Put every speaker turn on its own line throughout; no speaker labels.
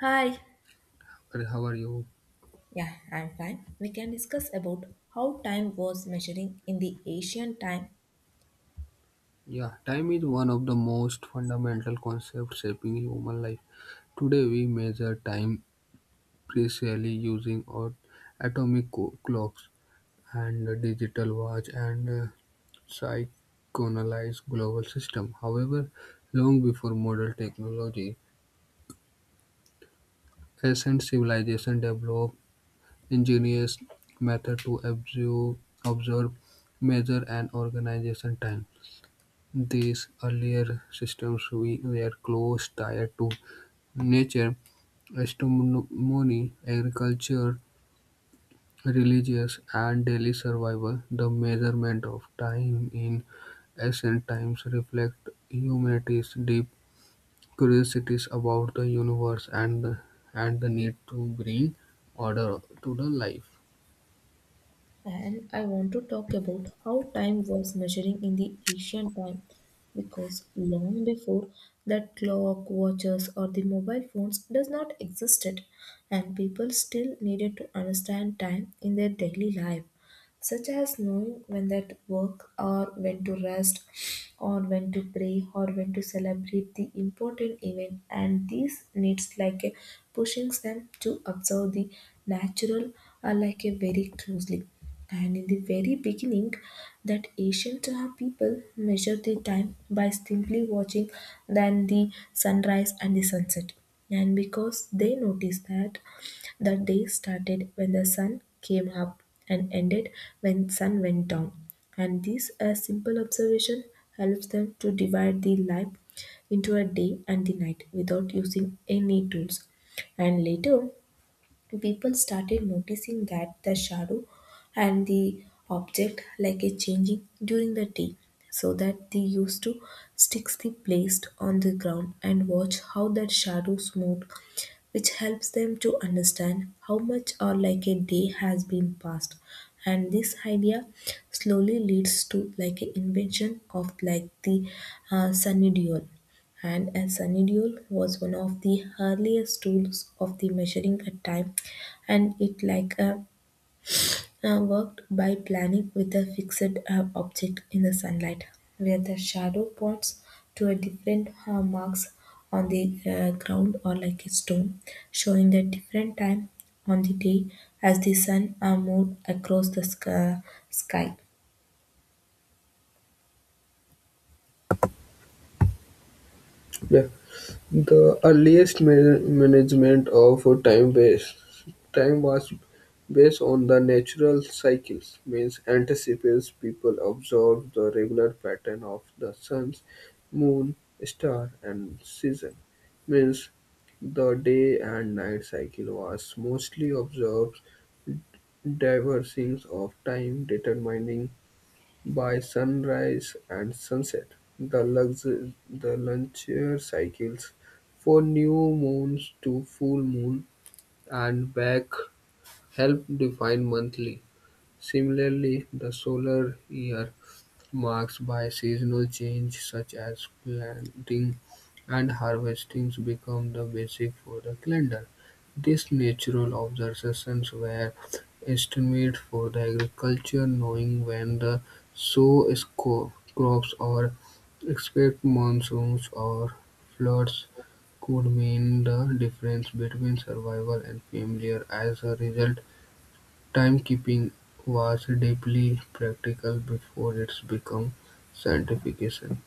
Hi.
Hey, how are you?
Yeah, I'm fine. We can discuss about how time was measuring in the ancient time.
Yeah, time is one of the most fundamental concepts shaping human life. Today, we measure time precisely using our clocks and a digital watch and a synchronized global system. However, long before modern technology, ancient civilization developed ingenious method to observe, measure, and organization time. These earlier systems were closely tied to nature, astronomy, agriculture, religious, and daily survival. The measurement of time in ancient times reflects humanity's deep curiosities about the universe and the need to bring order to the life.
And I want to talk about how time was measuring in the ancient time because long before that clock, watches or the mobile phones does not existed and people still needed to understand time in their daily life, such as knowing when that work or when to rest or when to pray or when to celebrate the important event. And these needs like a pushing them to observe the natural are like a very closely. And in the very beginning that ancient people measured the time by simply watching than the sunrise and the sunset, and because they noticed that the day started when the sun came up and ended when sun went down. And this a simple observation helps them to divide the life into a day and the night without using any tools. And later people started noticing that the shadow and the object like a changing during the day, so that they used to sticks the placed on the ground and watch how that shadows moved, which helps them to understand how much or like a day has been passed. And this idea slowly leads to like an invention of like the sunny dual. And a sundial was one of the earliest tools of the measuring a time, and it like a worked by planning with a fixed object in the sunlight where the shadow points to a different marks on the ground or like a stone, showing the different time on the day as the sun moved across the sky.
Yeah. The earliest management of time was based on the natural cycles, means anticipates people observe the regular pattern of the sun's, moon, star, and season. Means the day and night cycle was mostly observed diversions of time determining by sunrise and sunset, the the lunar cycles for new moons to full moon and back help define monthly. Similarly, the solar year marked by seasonal change such as planting and harvesting become the basic for the calendar. These natural observations were estimated for the agriculture, knowing when the crops or expect monsoons or floods could mean the difference between survival and failure. As a result, timekeeping was deeply practical before its become scientification.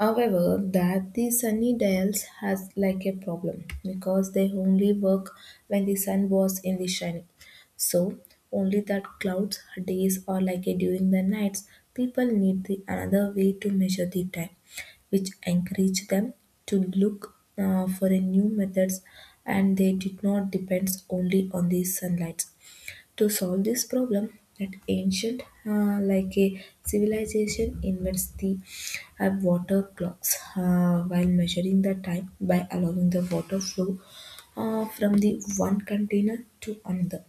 However, that the Sunnydales has like a problem because they only work when the sun was in the shining. So only that clouds days or like a during the nights, people need the another way to measure the time, which encouraged them to look for a new methods, and they did not depends only on the sunlight. To solve this problem, an ancient, like a civilization, invents the water clocks, while measuring the time by allowing the water flow from the one container to another,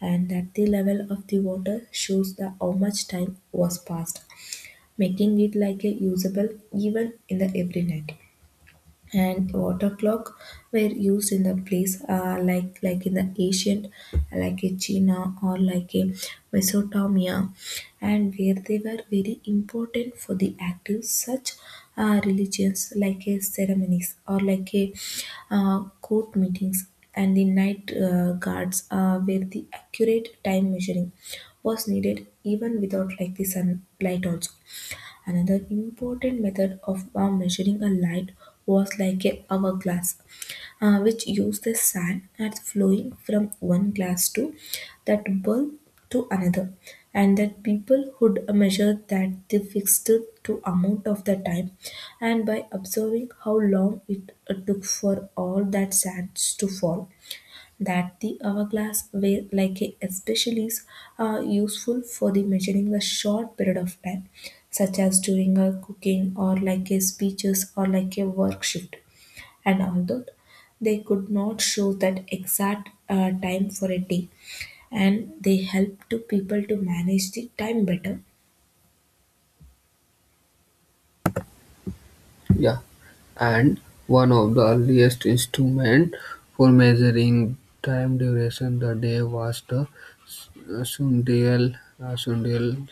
and that the level of the water shows the how much time was passed, making it like a usable even in the every night. And water clock were used in the place like in the ancient like a China or like a Mesopotamia, and where they were very important for the active such religions like a ceremonies or like a court meetings and the night guards, where the accurate time measuring was needed even without like the sunlight also. Another important method of measuring a light was like a hourglass, which used the sand as flowing from one glass to that bulb to another, and that people would measure that they fixed to amount of the time, and by observing how long it took for all that sands to fall, that the hourglass were like a especially useful for the measuring a short period of time such as during a cooking or like a speeches or like a work shift. And although they could not show that exact time for a day, and they helped to people to manage the time better.
Yeah, and one of the earliest instruments for measuring time duration the day was the sundial. Sundials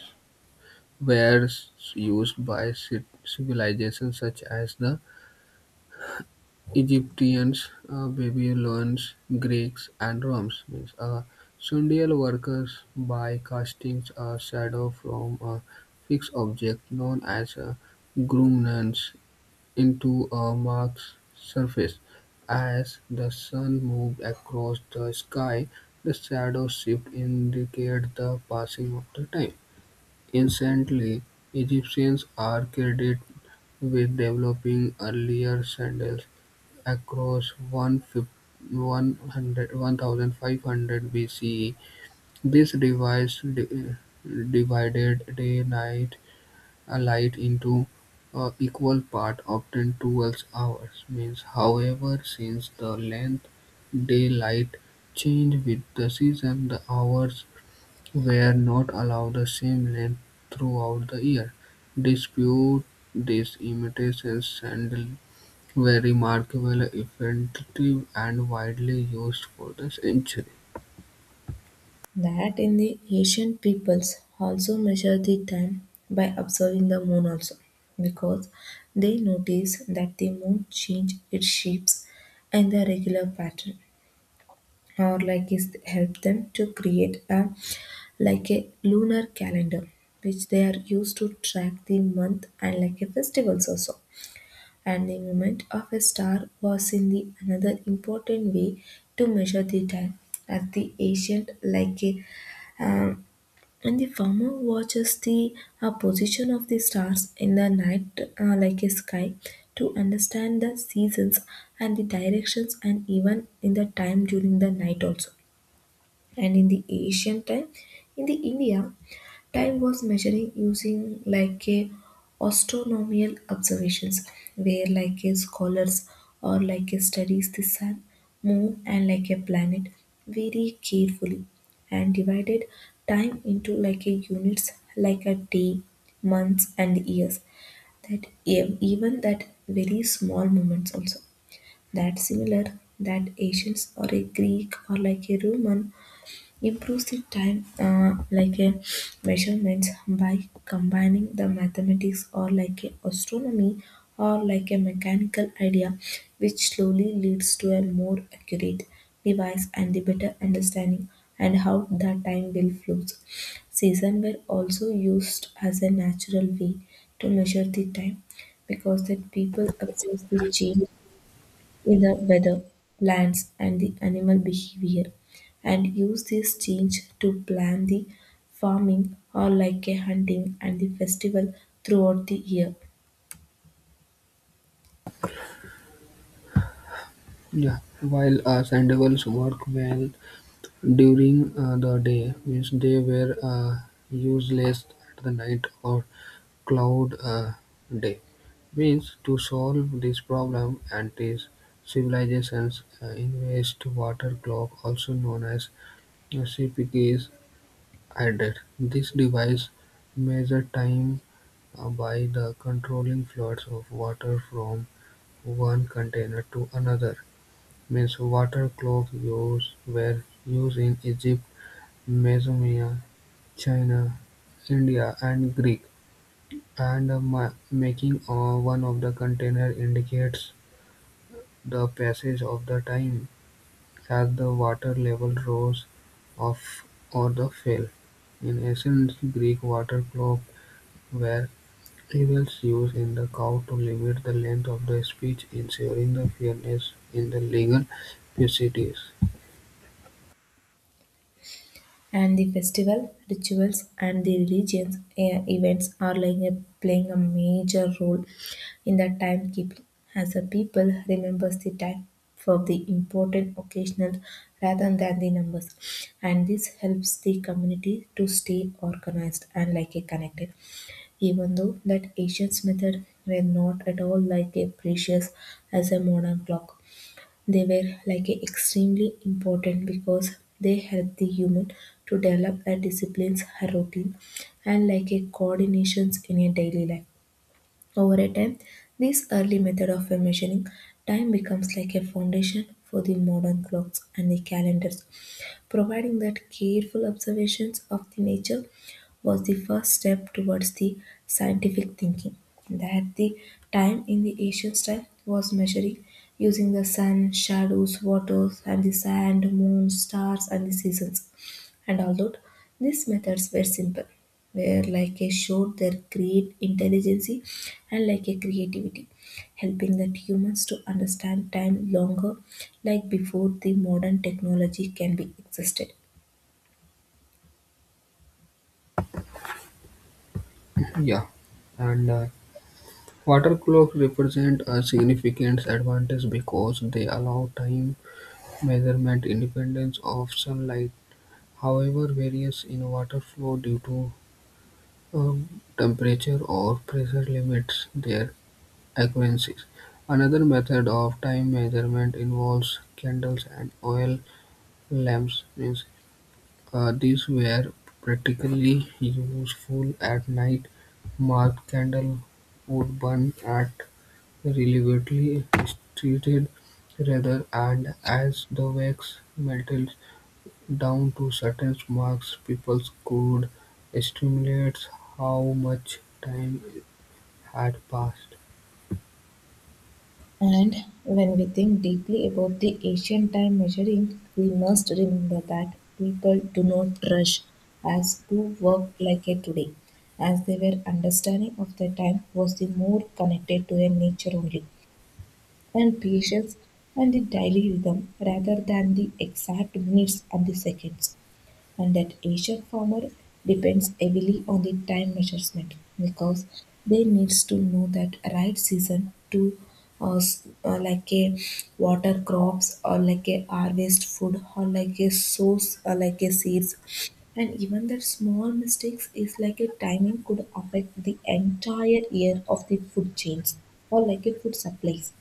were used by civilizations such as the Egyptians, Babylonians, Greeks, and Romans means, sundial workers by casting a shadow from a fixed object known as a grumnans into a marked surface. As the sun moved across the sky, the shadow shift indicated the passing of the time. Instantly, Egyptians are credited with developing earlier sandals across 1500 BCE. This device divided day-night light into equal parts, often 12 hours. Means, however, since the length daylight changed with the season, the hours were not allowed the same length throughout the year. Dispute this, imitations sandal were remarkable, effective, and widely used for the century.
That in the ancient peoples also measure the time by observing the moon also because they notice that the moon change its shapes and the regular pattern, or like is help them to create a like a lunar calendar which they are used to track the month and like a festivals also. And the movement of a star was in the another important way to measure the time, as the ancient like a um, and the farmer watches the position of the stars in the night like a sky to understand the seasons and the directions and even in the time during the night also. And in the ancient time in the india, time was measuring using like a astronomical observations, where like a scholars or like a studies the sun, moon and like a planet very carefully, and divided time into like a units like a day, months and years, that even that very small moments also. That similar, that Asians or a Greek or like a Roman improves the time like a measurements by combining the mathematics or like a astronomy or like a mechanical idea, which slowly leads to a more accurate device and the better understanding and how the time will flows. Season were also used as a natural way to measure the time because that people observe the change in the weather, plants, and the animal behavior, and use this change to plan the farming or like a hunting and the festival throughout the year.
Yeah, while sandals worked well during the day, means they were useless at the night or cloud day. Means to solve this problem, antique civilizations invest water clock, also known as CPK, is added. This device measure time by the controlling flows of water from one container to another. Means water watercloak use were used in Egypt, Mesopotamia, China, India and Greek, and ma- making one of the container indicates the passage of the time as the water level rose off or the fell. In ancient Greek, water clock were Evils used in the code to limit the length of the speech, ensuring the fairness in the legal proceedings.
And the festival rituals and the religions events are like a, playing a major role in the timekeeping as a people remembers the time for the important occasional rather than the numbers, and this helps the community to stay organized and like a connected. Even though that ancient method were not at all like a precious as a modern clock, they were like a extremely important because they helped the human to develop a disciplines, a routine, and like a coordinations in a daily life. Over a time, this early method of measuring time becomes like a foundation for the modern clocks and the calendars, providing that careful observations of the nature was the first step towards the scientific thinking. That the time in the ancient style was measuring using the sun, shadows, waters, and the sand, moon, stars, and the seasons. And although these methods were simple, where Lycae showed their great intelligence and like a creativity, helping that humans to understand time longer, like before the modern technology can be existed.
Yeah, and water clocks represent a significant advantage because they allow time measurement independence of sunlight. However, variance in water flow due to temperature or pressure limits their accuracy. Another method of time measurement involves candles and oil lamps, means these were practically useful at night. Marked candle would burn at relatively restricted rather and as the wax melted down to certain marks, people could estimate how much time had passed.
And when we think deeply about the ancient time measuring, we must remember that people do not rush as to work like a today, as their understanding of the time was the more connected to their nature only, and patience and the daily rhythm rather than the exact minutes and the seconds. And that Asian farmer depends heavily on the time measurement because they needs to know that right season to like a water crops or like a harvest food or like a source or like a seeds, and even that small mistakes is like a timing could affect the entire year of the food chains or like a food supplies.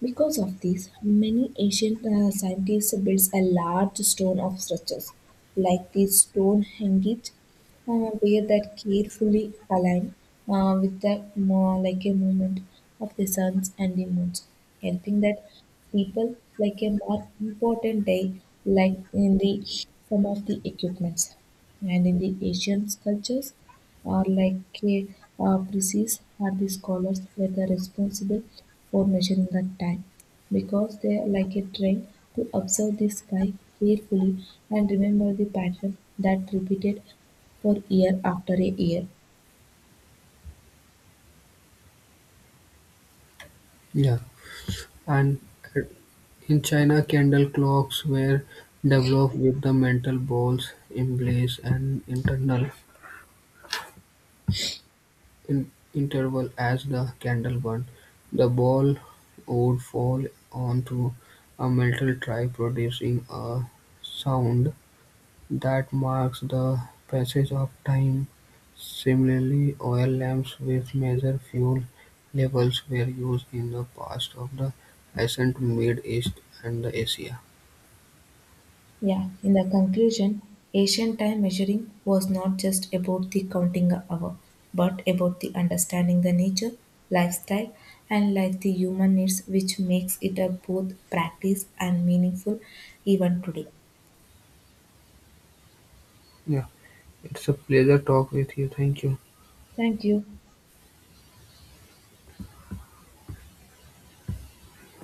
Because of this, many ancient scientists built a large stone of structures, like the Stonehenge, uh, where that carefully aligned with the more like a movement of the suns and the moons, helping that people like a more important day, like in the some of the equipments, and in the Asian cultures. Are like a precise are the scholars were the responsible for measuring the time because they are like a train to observe the sky carefully and remember the pattern that repeated for year after a year.
Yeah, and in China, candle clocks were developed with the metal balls, emblazoned and internal in interval as the candle burned, the ball would fall onto a metal tray producing a sound that marks the passage of time. Similarly, oil lamps which measure fuel levels were used in the past of the ancient Middle East and the Asia.
Yeah, in the conclusion, ancient time measuring was not just about the counting a hour, but about the understanding the nature, lifestyle, and life the human needs, which makes it a both practice and meaningful even today.
Yeah, it's a pleasure talk with you. Thank you.
Thank you.